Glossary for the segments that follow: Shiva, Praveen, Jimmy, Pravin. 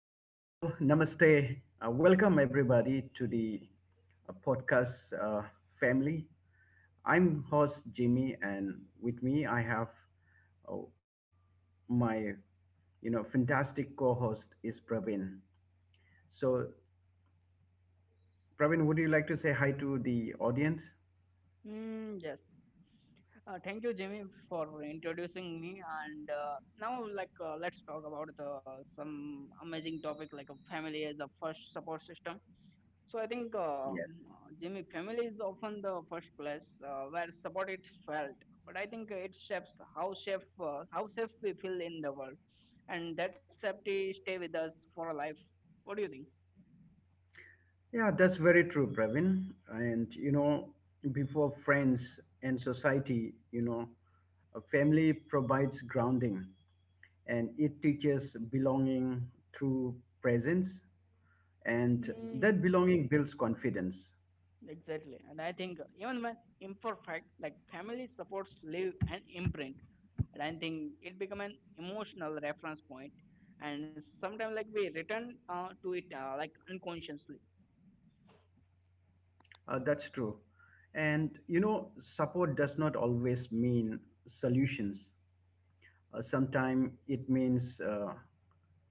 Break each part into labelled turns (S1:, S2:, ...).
S1: Hi, hello, namaste. Welcome everybody to the podcast family. I'm host Jimmy, and with me I have uh, my, fantastic co-host is Pravin. So, Pravin, would you like to say hi to the audience?
S2: Yes. Thank you, Jimmy, for introducing me. And now, let's talk about some amazing topic like a family as a first support system. So I think,
S1: Yes.
S2: Jimmy, family is often the first place where support is felt. But I think it shapes how safe how safe we feel in the world, and that safety stay with us for life. What do you think?
S1: Yeah, that's very true, Pravin. And before friends and society, a family provides grounding, and it teaches belonging through presence, and
S2: Hmm. Mm,
S1: that belonging builds confidence.
S2: Exactly. And I think even when imperfect, like family supports leave an imprint. And I think it become an emotional reference point. And sometimes like we return to it like unconsciously.
S1: That's true. And support does not always mean solutions. Sometimes it means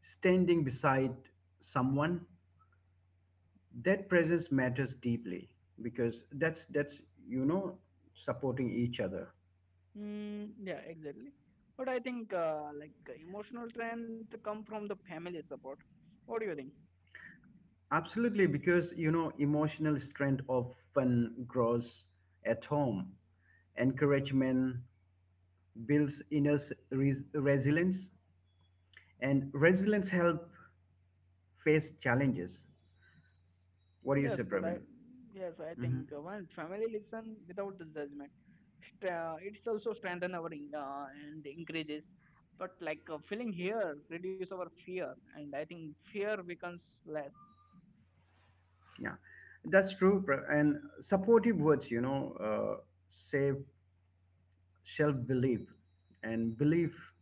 S1: standing beside someone. That presence matters deeply because that's, you know supporting each other.
S2: Mm, yeah, exactly. But I think like emotional strength come from the family support. What do you think?
S1: Absolutely, because emotional strength often grows at home. Encouragement builds inner resilience, and resilience help face challenges. What do
S2: Yes,
S1: you say,
S2: but I
S1: Pravin?
S2: yes, I think
S1: Hmm.
S2: when family listen without the judgment, it's also strengthen our and increases. But like feeling here reduce our fear, and I think fear becomes less.
S1: Yeah, that's true, and supportive words, save self-belief, and belief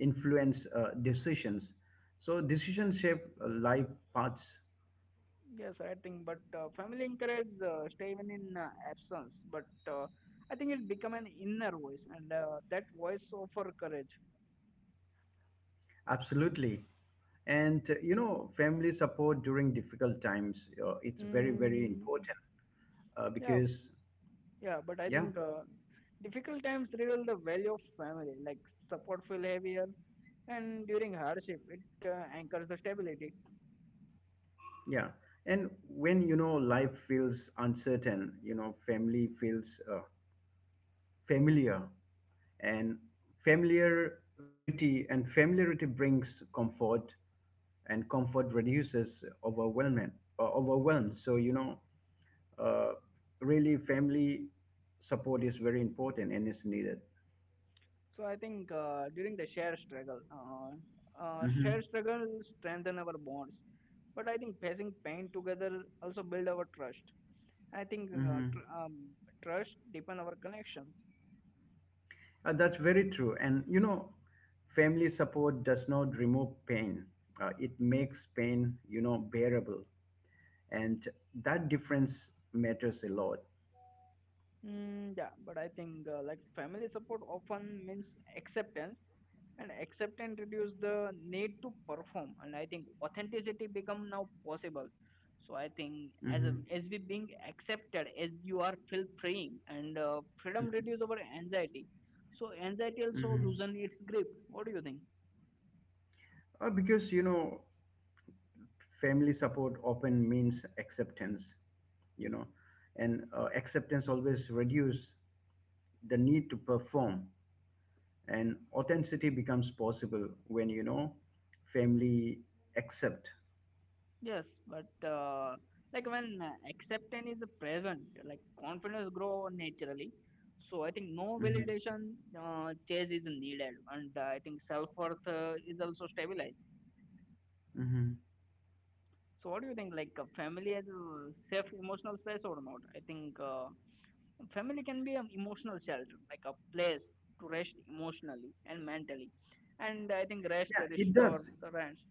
S1: influence decisions, so decisions shape life paths.
S2: Yes, I think. But family encourage stay even in absence. But I think it become an inner voice, and that voice offer courage.
S1: Absolutely. And family support during difficult times, it's very
S2: Mm,
S1: important
S2: yeah,
S1: because
S2: yeah. But I
S1: yeah,
S2: think difficult times reveal the value of family. Like support feel heavier and during hardship it anchors the stability.
S1: yeah. And when life feels uncertain, family feels familiar, and familiarity brings comfort, and comfort reduces overwhelming, overwhelm. So uh, really, family support is very important and is needed.
S2: So I think during the shared struggle uh, uh,
S1: Hmm.
S2: shared struggle strengthen our bonds, but I think facing pain together also build our trust. I think
S1: Hmm.
S2: trust deepen our connections.
S1: That's very true. And family support does not remove pain. It makes pain, bearable, and that difference matters a lot.
S2: Mm, yeah, but I think like family support often means acceptance, and acceptance reduce the need to perform. And I think authenticity become now possible. So I think as a,
S1: Hmm.
S2: as we being accepted as you are, feel freeing, and freedom reduce our anxiety. So anxiety also
S1: Hmm.
S2: loosen its grip. What do you think?
S1: Because family support often means acceptance, you know and acceptance always reduces the need to perform, and authenticity becomes possible when family accept.
S2: Yes, but like when acceptance is present, like confidence grow naturally. So I think no
S1: Hmm.
S2: validation chase is needed, and I think self worth is also stabilized.
S1: Hmm.
S2: So what do you think? Like a family as a safe emotional space or not? I think family can be an emotional shelter, like a place to rest emotionally and mentally, and I think rest
S1: Yeah, it
S2: restore
S1: does.
S2: rest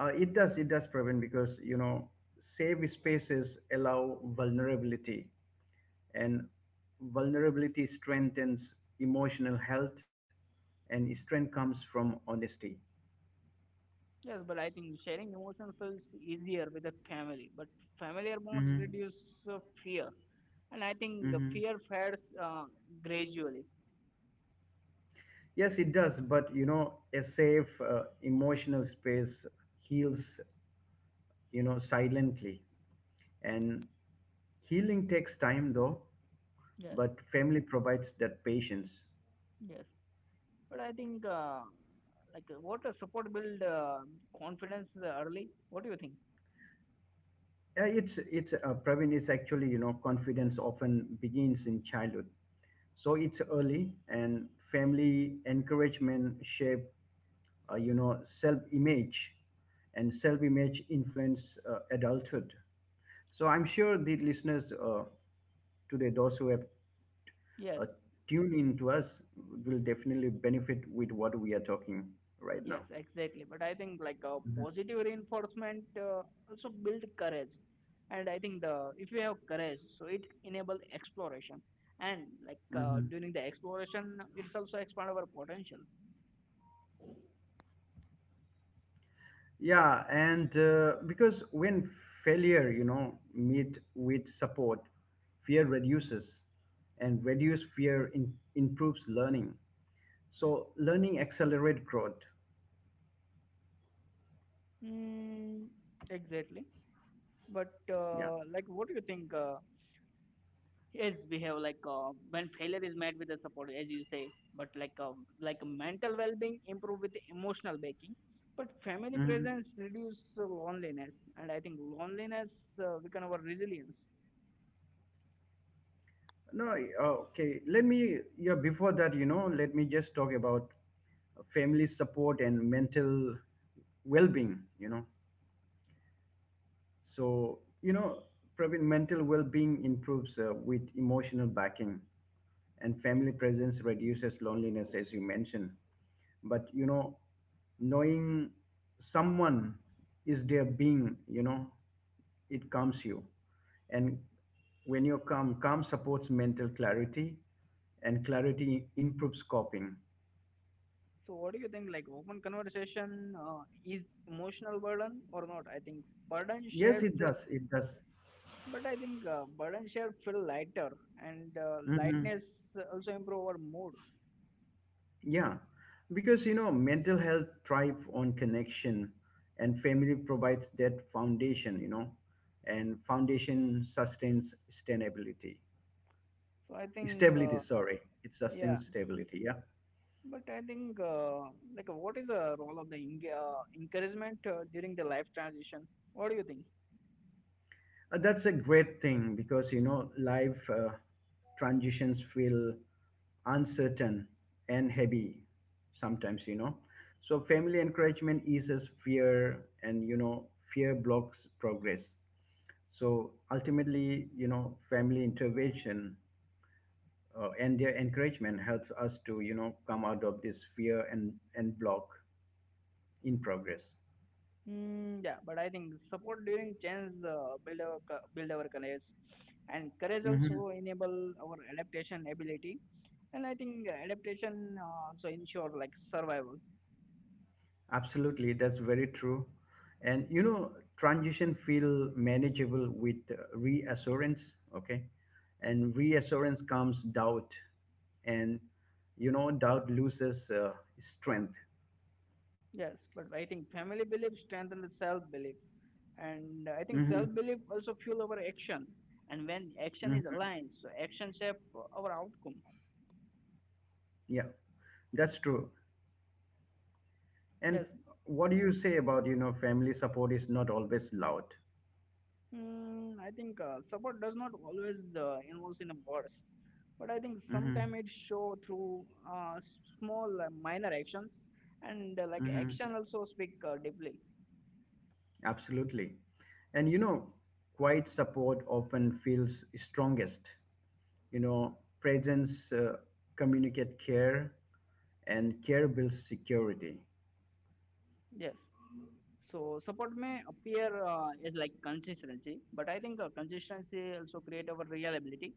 S1: It does, it does prevent because safe spaces allow vulnerability, and vulnerability strengthens emotional health, and strength comes from honesty.
S2: Yes, but I think sharing emotion feels easier with a family, but familiar bonds
S1: Hmm.
S2: reduce uh, fear, and I think fear fades gradually.
S1: Yes, it does. But, a safe emotional space heals, silently. And healing takes time, though,
S2: Yes,
S1: but family provides that patience.
S2: yes, but I think what a support build confidence early. What do you think?
S1: Praveen, it's actually, confidence often begins in childhood. So it's early, and family encouragement shape, self image, and self image influence adulthood. So I'm sure the listeners today, those who have
S2: Yes.
S1: uh, tune in to us will definitely benefit with what we are talking right
S2: Yes,
S1: now.
S2: exactly. But I think like a positive reinforcement also build courage, and I think the if you have courage, so it enable exploration, and like
S1: Hmm.
S2: during the exploration, it's also expand our potential.
S1: Yeah, and because when failure, meet with support, fear reduces, and reduced fear improves learning. So learning accelerate growth.
S2: Mm, exactly. But
S1: Yeah.
S2: like, what do you think? Yes behave like when failure is met with the support as you say, but like mental well-being improve with emotional baking, but family
S1: Hmm.
S2: presence reduce loneliness, and I think loneliness weaken our resilience.
S1: No, okay. Let me. Yeah, before that, let me just talk about family support and mental well-being. So, you know, Praveen, mental well being improves with emotional backing, and family presence reduces loneliness, as you mentioned. But, knowing someone is there being, it calms you. And when you're calm, calm supports mental clarity, and clarity improves coping.
S2: So what do you think? Like open conversation is emotional burden or not? I think burden
S1: Yes,
S2: shared
S1: it
S2: feel,
S1: does. It does.
S2: but I think burden shared feel lighter and
S1: Mhm.
S2: lightness also improve our mood.
S1: Yeah, because mental health thrive on connection, and family provides that foundation. And foundation sustains stability.
S2: So I think
S1: Stability, sorry, it
S2: yeah.
S1: sustains stability. Yeah.
S2: But I think, like, what is the role of the eng encouragement during the life transition? What do you think?
S1: That's a great thing because life transitions feel uncertain and heavy sometimes. So family encouragement eases fear, and fear blocks progress. So ultimately, family intervention and their encouragement helps us to, come out of this fear and block in progress.
S2: Mm, yeah, but I think support during change build our courage, and courage also
S1: Hmm.
S2: enable our adaptation ability. And I think adaptation also ensure like survival.
S1: Absolutely, that's very true. And transition feel manageable with reassurance, okay? And reassurance comes doubt, and doubt loses strength.
S2: Yes, but I think family belief strengthen the self belief, and I think
S1: Hmm.
S2: self belief also fuel our action. And when action is
S1: Hmm.
S2: aligned, so action shape our outcome.
S1: Yeah, that's true. And
S2: Yes.
S1: what do you say about, family support is not always loud?
S2: Mm, I think support does not always involves in a words, but I think
S1: Hmm.
S2: sometimes it show through small minor actions and like
S1: Hmm.
S2: action also speak deeply.
S1: Absolutely. And, quiet support often feels strongest. Presence communicate care, and care builds security.
S2: Yes. So support may appear as like consistency, but I think consistency also create our reliability,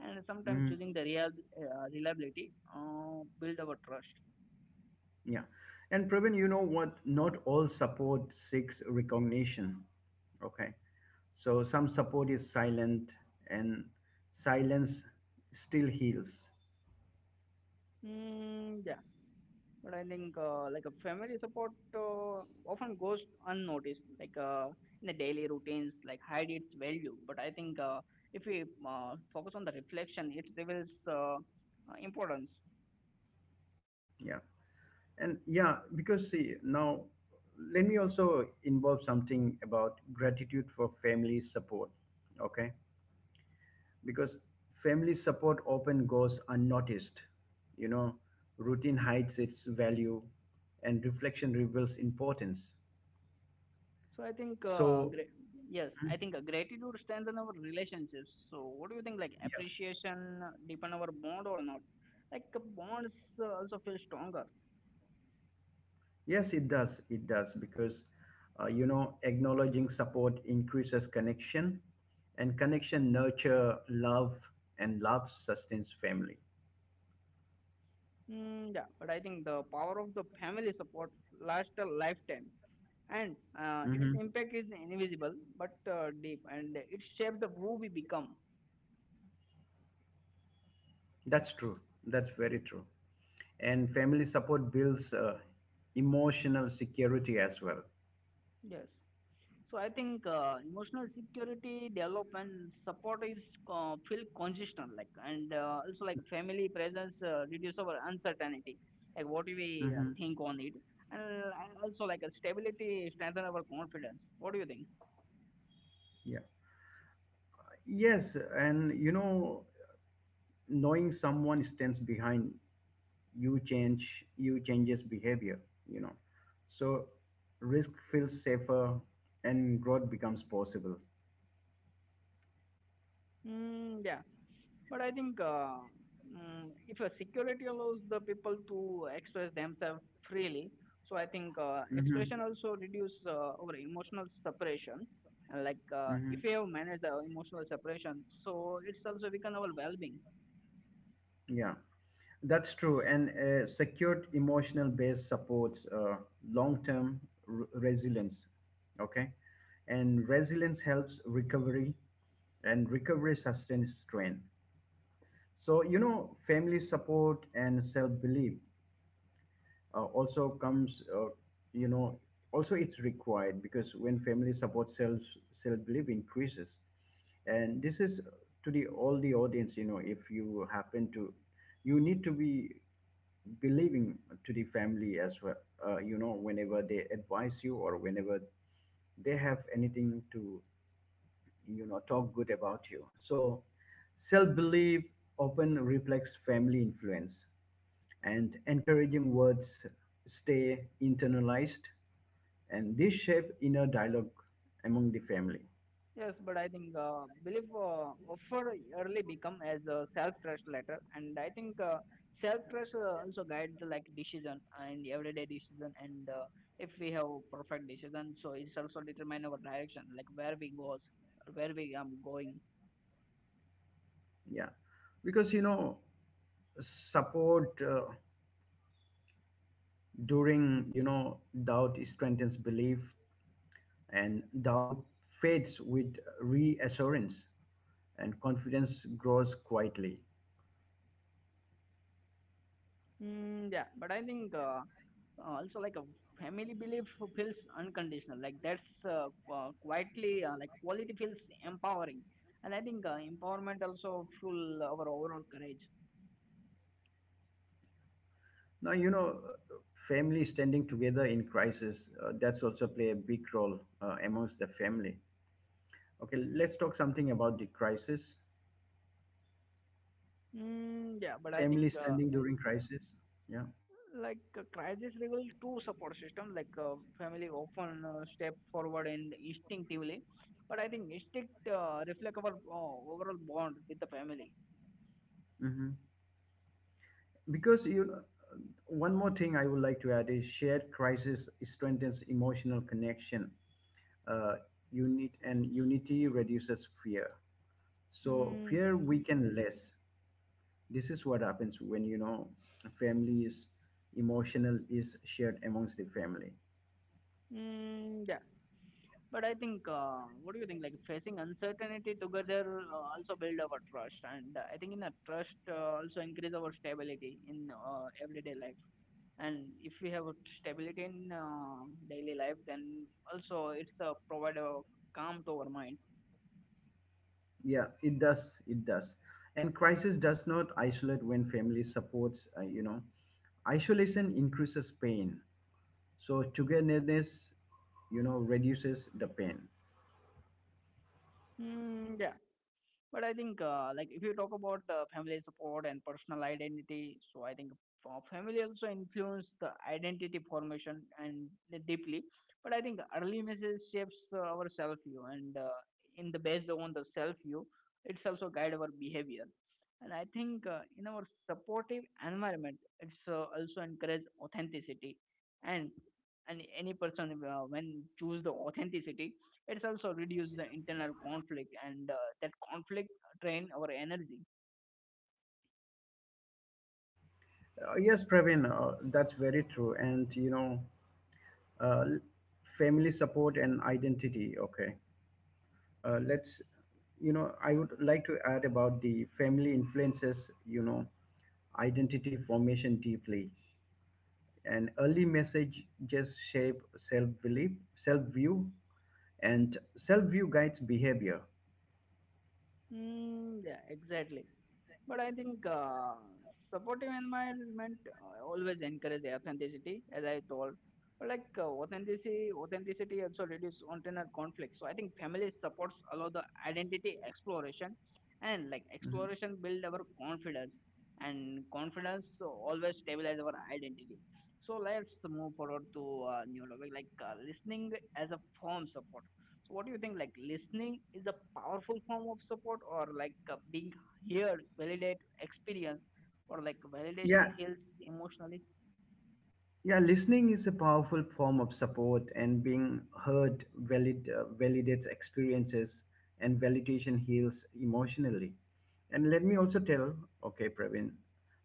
S2: and sometimes
S1: Hmm.
S2: choosing the real reliability build our trust.
S1: Yeah. And Praveen, you know what? Not all support seeks recognition. Okay. So some support is silent, and silence still heals.
S2: Mm, yeah. But I think like a family support often goes unnoticed, like in the daily routines, like hide its value. But I think if we focus on the reflection, it reveals importance.
S1: Yeah. And yeah, because see, now let me also involve something about gratitude for family support. Okay. Because family support often goes unnoticed. You know, Routine hides its value, and reflection reveals importance.
S2: So I think
S1: So,
S2: yes, I think gratitude strengthens our relationships. So what do you think? Like
S1: yeah.
S2: appreciation deepen our bond or not? Like bonds also feel stronger.
S1: Yes, it does. It does. Because, acknowledging support increases connection, and connection nurture love, and love sustains family.
S2: Mm, yeah, but I think the power of the family support lasts a lifetime, and its
S1: Hmm.
S2: impact is invisible but deep, and it shapes the who we become.
S1: That's true. That's very true. And family support builds emotional security as well.
S2: Yes, so I think emotional security development support is feel consistent, like, and also like family presence reduce our uncertainty, like what we
S1: Hmm.
S2: think on it, and also like a stability strengthen our confidence. What do you think?
S1: Yeah. Yes. And, knowing someone stands behind you changes behavior, you know so risk feels safer, and growth becomes possible.
S2: Mm, yeah. But I think if a security allows the people to express themselves freely, so I think
S1: Hmm.
S2: expression also reduce our emotional separation. And like
S1: Hmm.
S2: if you have managed the emotional separation, so it's also weaken our well-being.
S1: Yeah, that's true. And secured emotional base supports long term resilience. Okay. And resilience helps recovery, and recovery sustains strain. So, family support and self belief also comes you know also it's required because when family support self, self belief increases. And this is to the all the audience, if you happen to, you need to be believing to the family as well. Whenever they advise you, or whenever they have anything to, talk good about you. So self belief often reflects family influence, and encouraging words stay internalized, and this shape inner dialogue among the family.
S2: Yes, but I think belief offer early become as a self trust letter, and I think self trust also guides the like decision and everyday decision. And if we have perfect decision, so it's also determine our direction, like where we goes, where we am going.
S1: Yeah, because support during doubt strengthens belief, and doubt fades with reassurance, and confidence grows quietly.
S2: Mm, yeah, but I think also like a family belief feels unconditional, like that's quietly like quality feels empowering, and I think empowerment also fuel our overall courage.
S1: Now, family standing together in crisis, that's also play a big role amongst the family. Okay, let's talk something about the crisis.
S2: Mm, yeah, but I
S1: Family
S2: think
S1: standing during crisis. Yeah.
S2: like a crisis level two support system, like family often step forward and instinctively, but I think instinct reflect our overall bond with the family.
S1: Hmm. Because, one more thing I would like to add is shared crisis strengthens emotional connection. Uh, Unit and unity reduces fear. So
S2: Mm,
S1: fear weaken less. This is what happens when family is emotional is shared amongst the family.
S2: yeah, but I think what do you think? Like facing uncertainty together also build our trust, and I think in a trust also increase our stability in everyday life. And if we have stability in daily life, then also it's a provide a calm to our mind.
S1: Yeah, it does, it does. And crisis does not isolate when family supports, isolation increases pain, so togetherness, reduces the pain.
S2: Mm, yeah. But I think, like, if you talk about family support and personal identity, so I think family also influence the identity formation and deeply. But I think early message shapes our self view, and in the based on the self view, it's also guide our behavior. And I think in our supportive environment, it's also encourage authenticity, and and any person when choose the authenticity, it's also reduce the internal conflict, and that conflict drain our energy.
S1: Yes, Praveen, that's very true. And uh, family support and identity, okay. Let's, I would like to add about the family influences, identity formation deeply, and early message just shape self belief, self view, and self view guides behavior.
S2: Mm, yeah, exactly. But I think supportive environment always encourage authenticity, as I told. But like authenticity also reduce internal conflict. So I think family supports allow the identity exploration, and like
S1: Mhm.
S2: exploration build our confidence, and confidence always stabilize our identity. So let's move forward to new topic like listening as a form support. So what do you think? Like listening is a powerful form of support, or like being heard, validate experience, or like
S1: Yeah.
S2: validation heals emotionally.
S1: Yeah, listening is a powerful form of support, and being heard validates experiences, and validation heals emotionally. And let me also tell, okay, Praveen,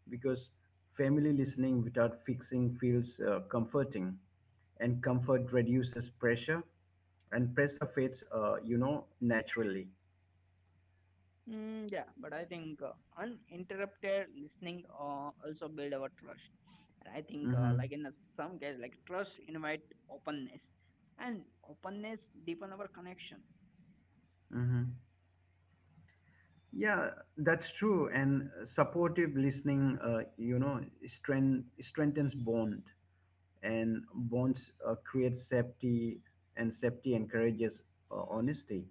S1: because family listening without fixing feels comforting, and comfort reduces pressure, and pressure fades, naturally.
S2: Mm, yeah, but I think uninterrupted listening also build our trust, and I think
S1: Mm-hmm.
S2: like in some case, like trust invite openness, and openness deepen our connection.
S1: Mm-hmm. Yeah, that's true. And supportive listening, strengthens bond, and bonds create safety, and safety encourages honesty.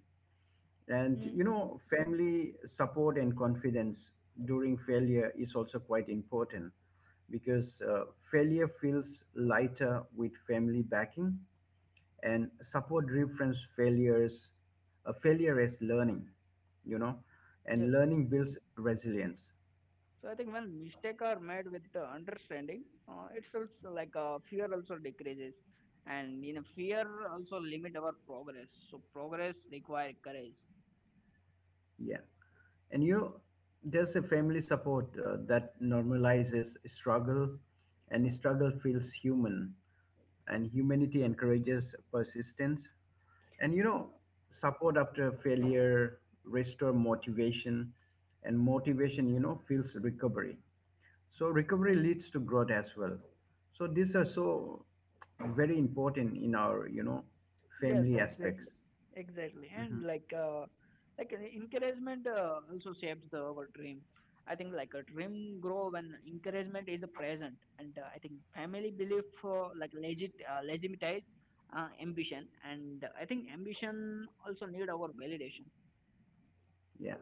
S1: And
S2: Mm,
S1: family support and confidence during failure is also quite important because failure feels lighter with family backing, and support reframes failures. A failure is learning, you know and
S2: yes.
S1: learning builds resilience.
S2: So I think when mistakes are made with the understanding, it's also like fear also decreases, and you know fear also limit our progress. So progress require courage.
S1: Yeah, and there's a family support that normalizes struggle, and struggle feels human, and humanity encourages persistence. And
S2: Mm,
S1: support after failure restore motivation, and motivation feels recovery. So recovery leads to growth as well. So these are so very important in our
S2: yes,
S1: family
S2: exactly,
S1: aspects.
S2: exactly, and like encouragement also shapes the our dream. I think like a dream grow when encouragement is present, and I think family belief for like legitimize ambition, and I think ambition also need our validation.
S1: Yeah.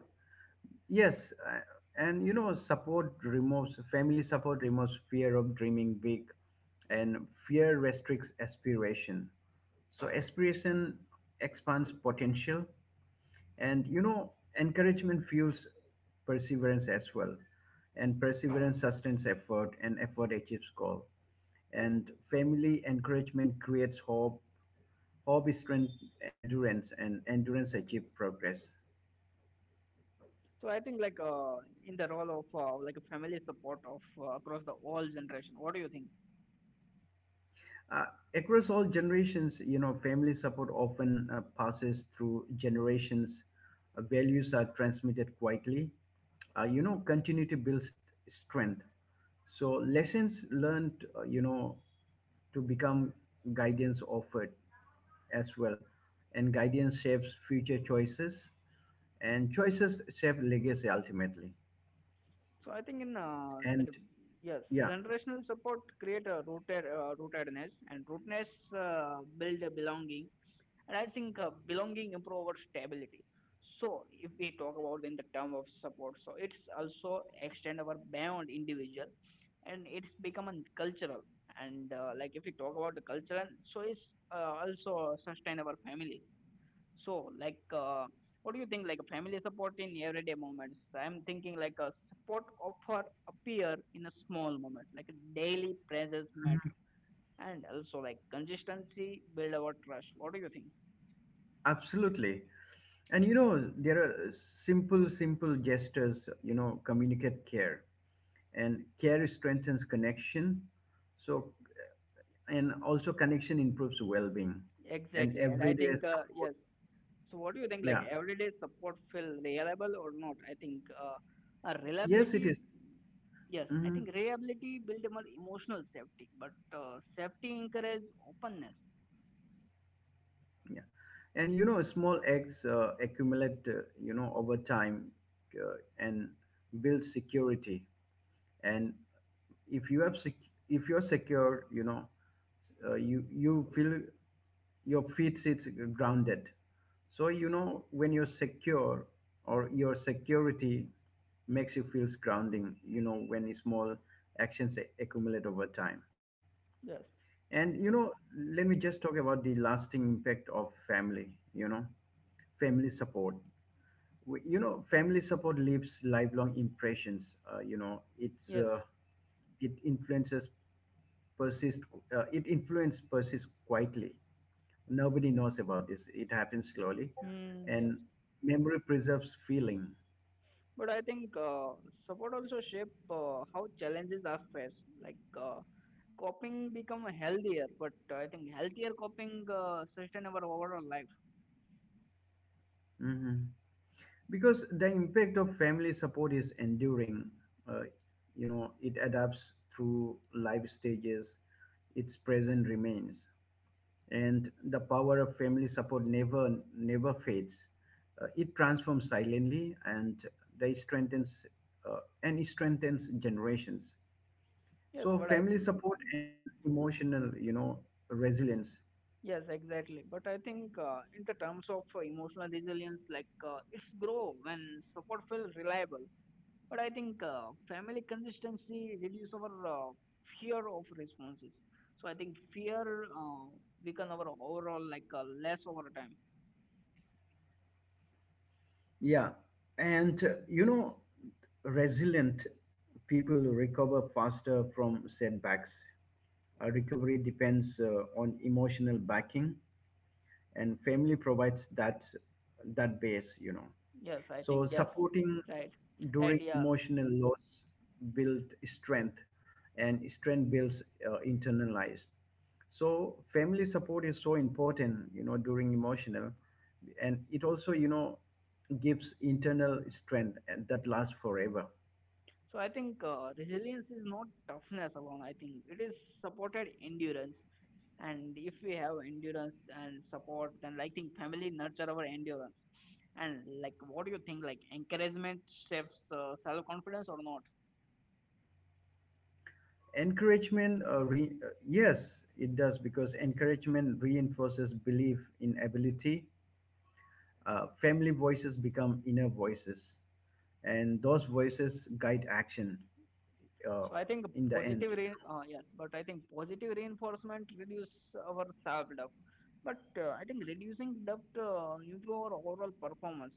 S1: Yes, and support removes family support removes fear of dreaming big, and fear restricts aspiration, so aspiration expands potential. And encouragement fuels perseverance as well, and perseverance sustains effort, and effort achieves goal. And family encouragement creates hope. Hope is strength, endurance, and endurance achieve progress.
S2: So I think like in the role of like a family support of across the all generation. What do you think?
S1: Uh, Across all generations, family support often passes through generations. Values are transmitted quietly. Continue to build strength. So lessons learned, to become guidance offered as well. And guidance shapes future choices, and choices shape legacy ultimately.
S2: So I think in
S1: And
S2: yes,
S1: yeah,
S2: generational support create a rootedness, and rootedness build a belonging, and I think belonging improve our stability. So if we talk about in the term of support, so it's also extend our beyond individual, and it's become a cultural. And like if we talk about the cultural, so it's also sustain our families. So, like, what do you think? Like, a family support in everyday moments. I'm thinking like a support offer appear in a small moment, like daily presence matter, and also like consistency build our trust. What do you think?
S1: absolutely. And there are simple gestures, communicate care. And care strengthens connection. So, and also connection improves well being. And
S2: Exactly, and I
S1: everyday
S2: think
S1: support.
S2: yes. So, what do you think? Like,
S1: Yeah.
S2: everyday support feel reliable or not? I think a
S1: Yes, it
S2: reliability.
S1: is.
S2: Yes, I
S1: Mhm.
S2: think reliability build more emotional safety, but safety encourage openness.
S1: Yeah. And small eggs accumulate, over time and build security. And if you have if you're secure, you feel your feet sits grounded. So when you're secure, or your security makes you feel grounding. When small accumulate over time.
S2: Yes.
S1: And
S2: So
S1: let me just talk about the lasting impact of family. Family support. Family support leaves lifelong impressions, it's
S2: yes.
S1: it influences persist, it influence persists quietly. Nobody knows about this, it happens slowly.
S2: Mm, yes,
S1: And memory preserves feeling.
S2: but I think support also shape how challenges are faced. Like coping become healthier, but I think healthier coping sustain our overall life.
S1: Mhm. Because the impact of family support is enduring, uh, it adapts through life stages, its present remains. And the power of family support never fades. It transforms silently, and they strengthens uh, and it strengthens generations.
S2: Yes,
S1: So
S2: but I,
S1: family support and emotional, resilience.
S2: yes, exactly. But I think in the terms of emotional resilience, like it's grow when support feels reliable. But I think family consistency reduce our fear of responses. So I think fear uh, weaken our overall, like less over time.
S1: Yeah, and resilient people recover faster from setbacks. Recovery depends on emotional backing, and family provides that base. You know.
S2: Yes, I
S1: So
S2: think yes.
S1: supporting
S2: Right, right,
S1: during
S2: yeah.
S1: emotional loss build strength, and strength builds internalized. So family support is so important, you know, during emotional, and it also, you know, gives internal strength and that lasts forever.
S2: So I think resilience is not toughness alone. I think it is supported endurance, and if we have endurance and support, then, like, I think family nurture our endurance. And, like, what do you think? Like, encouragement shapes self confidence or not?
S1: Encouragement, yes, it does because encouragement reinforces belief in ability. Family voices become inner voices, and those voices guide action uh,
S2: So I think
S1: in the end.
S2: positive rein yes, but I think positive reinforcement reduce our self doubt. But I think reducing doubt improve our overall performance.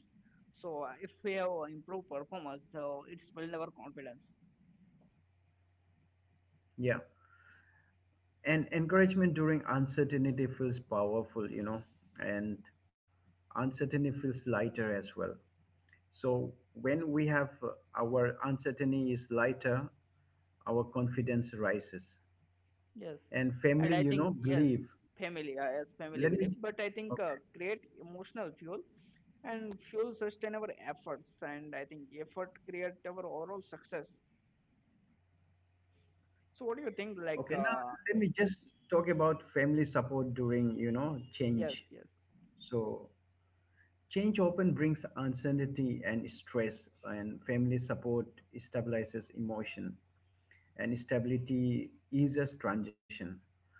S2: So if we have improved performance, so it's build our confidence.
S1: Yeah. And encouragement during uncertainty feels powerful, you know, and uncertainty feels lighter as well. So when we have our uncertainty is lighter, our confidence rises.
S2: Yes,
S1: And
S2: and
S1: family,
S2: I
S1: you know,
S2: think yes,
S1: believe.
S2: family as family
S1: Let me
S2: belief, but I think
S1: okay.
S2: create emotional fuel, and fuel sustain our efforts, and I think effort create our overall success. So what do you think? Like
S1: Okay, now let me just talk about family support during, you know,
S2: yes,
S1: change.
S2: yes,
S1: So change often brings uncertainty and stress, and family support stabilizes emotion, and stability eases transition.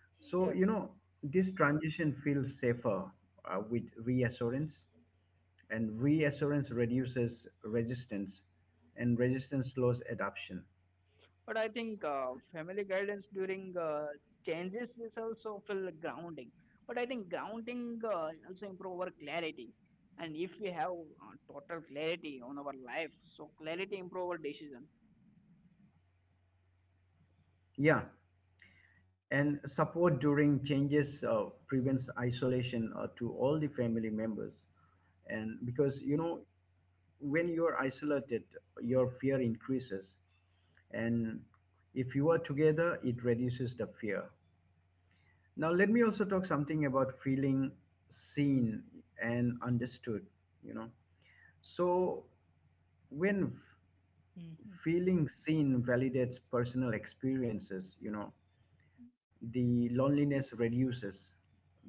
S1: So you
S2: yes,
S1: know this transition feels safer with reassurance, and reassurance reduces resistance, and resistance slows adoption.
S2: but I think family guidance during changes is also feel grounding. But I think grounding also improve our clarity. And if we have total clarity on our life, so clarity improve our decision.
S1: Yeah, and support during changes prevents isolation to all the family members and because you know when you are isolated, your fear increases. And if you are together, it reduces the fear. Now, let me also talk something about feeling seen and understood, you know. So, when
S2: Mhm.
S1: feeling seen validates personal experiences, you know, the loneliness reduces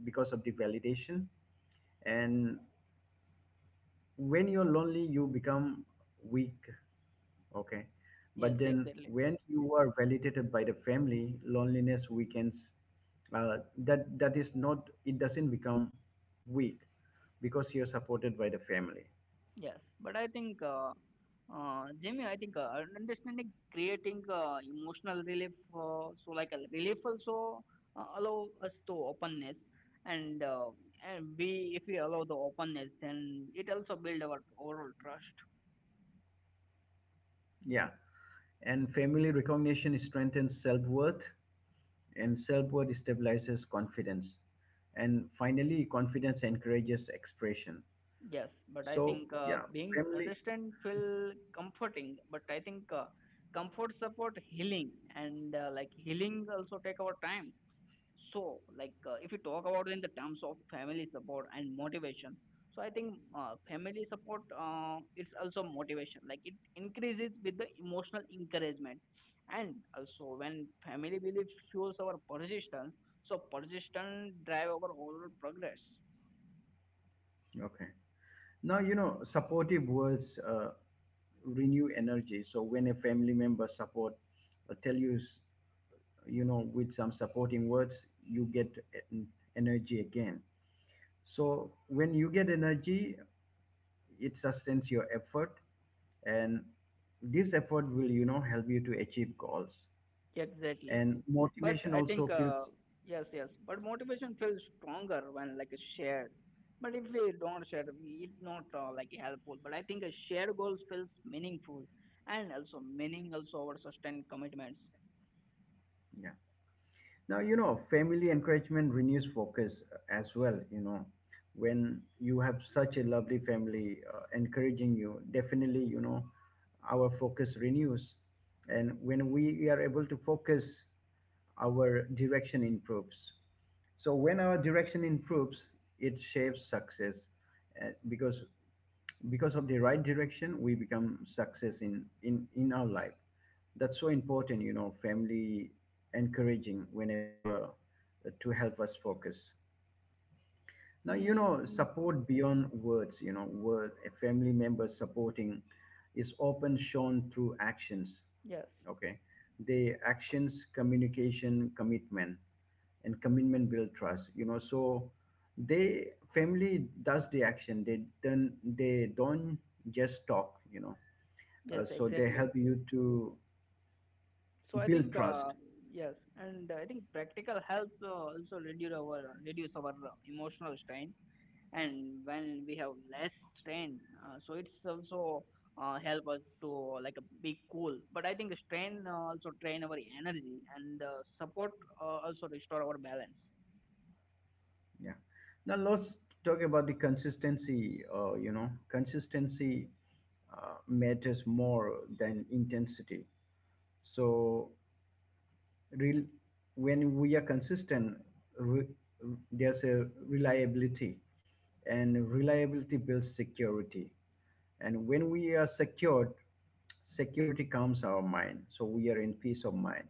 S1: because of the validation. And when you're lonely, you become weak. Okay.
S2: Yes,
S1: But then
S2: exactly.
S1: when you are validated by the family, loneliness weakens. That is not. It doesn't become weak because you're supported by the family.
S2: Yes, but I think, Jimmy, I think understanding creating emotional relief, so like a relief also allow us to openness, and uh, and we if we allow the openness, then it also build our overall trust.
S1: Yeah. And family recognition strengthens self worth, and self worth stabilizes confidence, and finally, confidence encourages expression.
S2: Yes, but I
S1: So
S2: think
S1: yeah,
S2: being
S1: family.
S2: understand feel comforting, but I think comfort support healing, and like healing also take our time. So, like, if you talk about in the terms of family support and motivation, so I think family support is also motivation. Like, it increases with the emotional encouragement, and also when family belief fuels our persistence, so persistence drive our overall progress.
S1: Okay. Now, you know, supportive words renew energy. So when a family member support tell you, you know, with some supporting words, you get en- energy again. So when you get energy, it sustains your effort, and this effort will, you know, help you to achieve goals.
S2: Exactly.
S1: And
S2: But
S1: motivation
S2: I think,
S1: also feels,
S2: yes, yes. But motivation feels stronger when, like, it's shared. But if we don't share, we it's not like helpful. But I think a shared goals feels meaningful, and also meaning also our sustained commitments.
S1: yeah. Now, you know, family encouragement renews focus as well. You know, when you have such a lovely family encouraging you, definitely, you know, our focus renews. And when we are able to focus, our direction improves. So when our direction improves, it shapes success uh, because because of the right direction, we become success in in our life. That's so important, you know. Family encouraging whenever to help us focus. Now you
S2: Mm,
S1: know, support beyond words, you know, word a family member supporting is often shown through actions.
S2: yes,
S1: Okay. The actions communication commitment and commitment build trust, you know. So they, family does the action, they then they don't just talk, you know.
S2: yes,
S1: So they
S2: exactly.
S1: help you to
S2: So I
S1: build
S2: think
S1: trust.
S2: yes, and I think practical help also reduce our emotional strain, and when we have less strain, so it's also help us to like a be cool, but I think strain also train our energy, and support also restore our balance.
S1: Yeah. Now let's talk about the consistency. You know, consistency matters more than intensity. So, real when we are consistent, re- there's a reliability, and reliability builds security. And when we are secured, security calms our mind. So we are in peace of mind.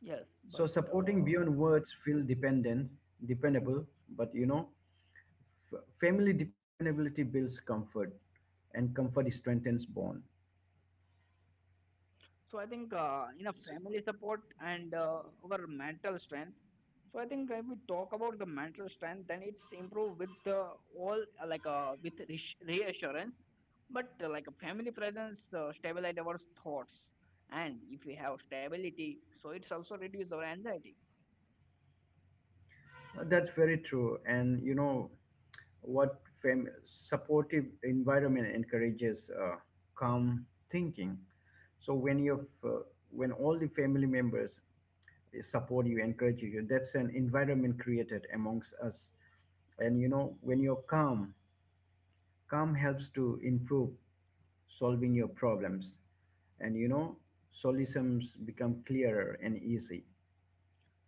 S2: Yes,
S1: So
S2: but
S1: supporting beyond words feel dependent, dependable, but you know, family dependability builds comfort, and comfort strengthens bond.
S2: so I think in a
S1: So,
S2: family support and our mental strength. So I think if we talk about the mental strength, then it's improved with the all like with reassurance, but like a family presence stabilize our thoughts, and if we have stability, so it's also reduce our anxiety.
S1: that's very true. And you know what? Supportive environment encourages calm thinking. So when you have when all the family members support you, encourage you, that's an environment created amongst us. And you know, when you're calm, calm helps to improve solving your problems, and you know, solutions become clearer and easy.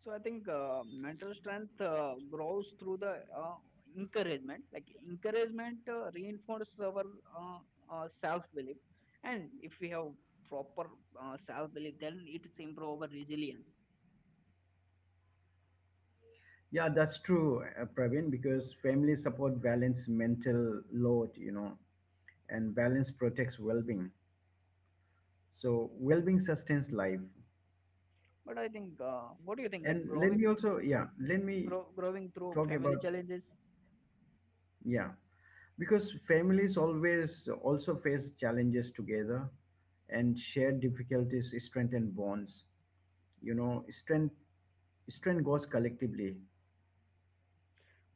S2: So I think mental strength grows through the encouragement. Like, encouragement reinforces our uh, self-belief, and if we have proper self-belief, then it's improve our resilience.
S1: Yeah, that's true, Praveen, because family support balance mental load, you know, and balance protects well-being, so well-being sustains life.
S2: But I think, what do you think? Like
S1: And let me
S2: growing,
S1: also, yeah, let me
S2: grow, growing through
S1: talk
S2: family
S1: about,
S2: challenges.
S1: yeah, because families always also face challenges together, and shared difficulties strengthen bonds, you know. Strength goes collectively.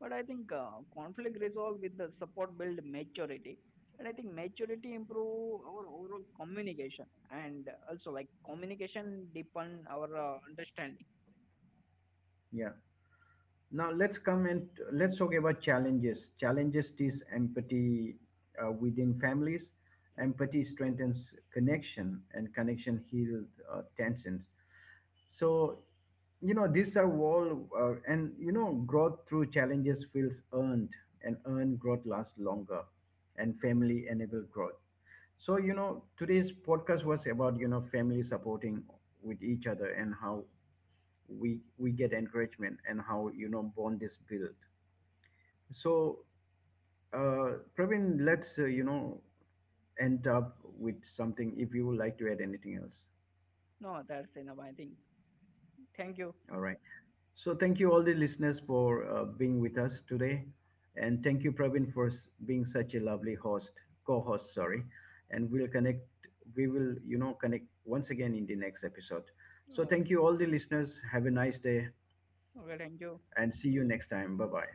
S2: But I think conflict resolve with the support build maturity, and I think maturity improve our overall communication, and also, like, communication deepen our understanding.
S1: Yeah. Now let's come and let's talk about challenges. Challenges teach empathy within families. Empathy strengthens connection, and connection heals tensions. So, you know, these are all and, you know, growth through challenges feels earned, and earned growth lasts longer, and family enable growth. So, you know, today's podcast was about, you know, family supporting with each other and how we get encouragement and how, you know, bond is built. So, Praveen, let's, you know, end up with something if you would like to add anything else.
S2: No, that's enough, I think. Thank you.
S1: All right. So thank you all the listeners for being with us today, and thank you Pravin, for being such a lovely host, co-host, sorry. And we'll connect. We will, you know, connect once again in the next episode. So thank
S2: Okay.
S1: you all the listeners. Have a nice day,
S2: Okay, thank you.
S1: and see you next time. Bye bye.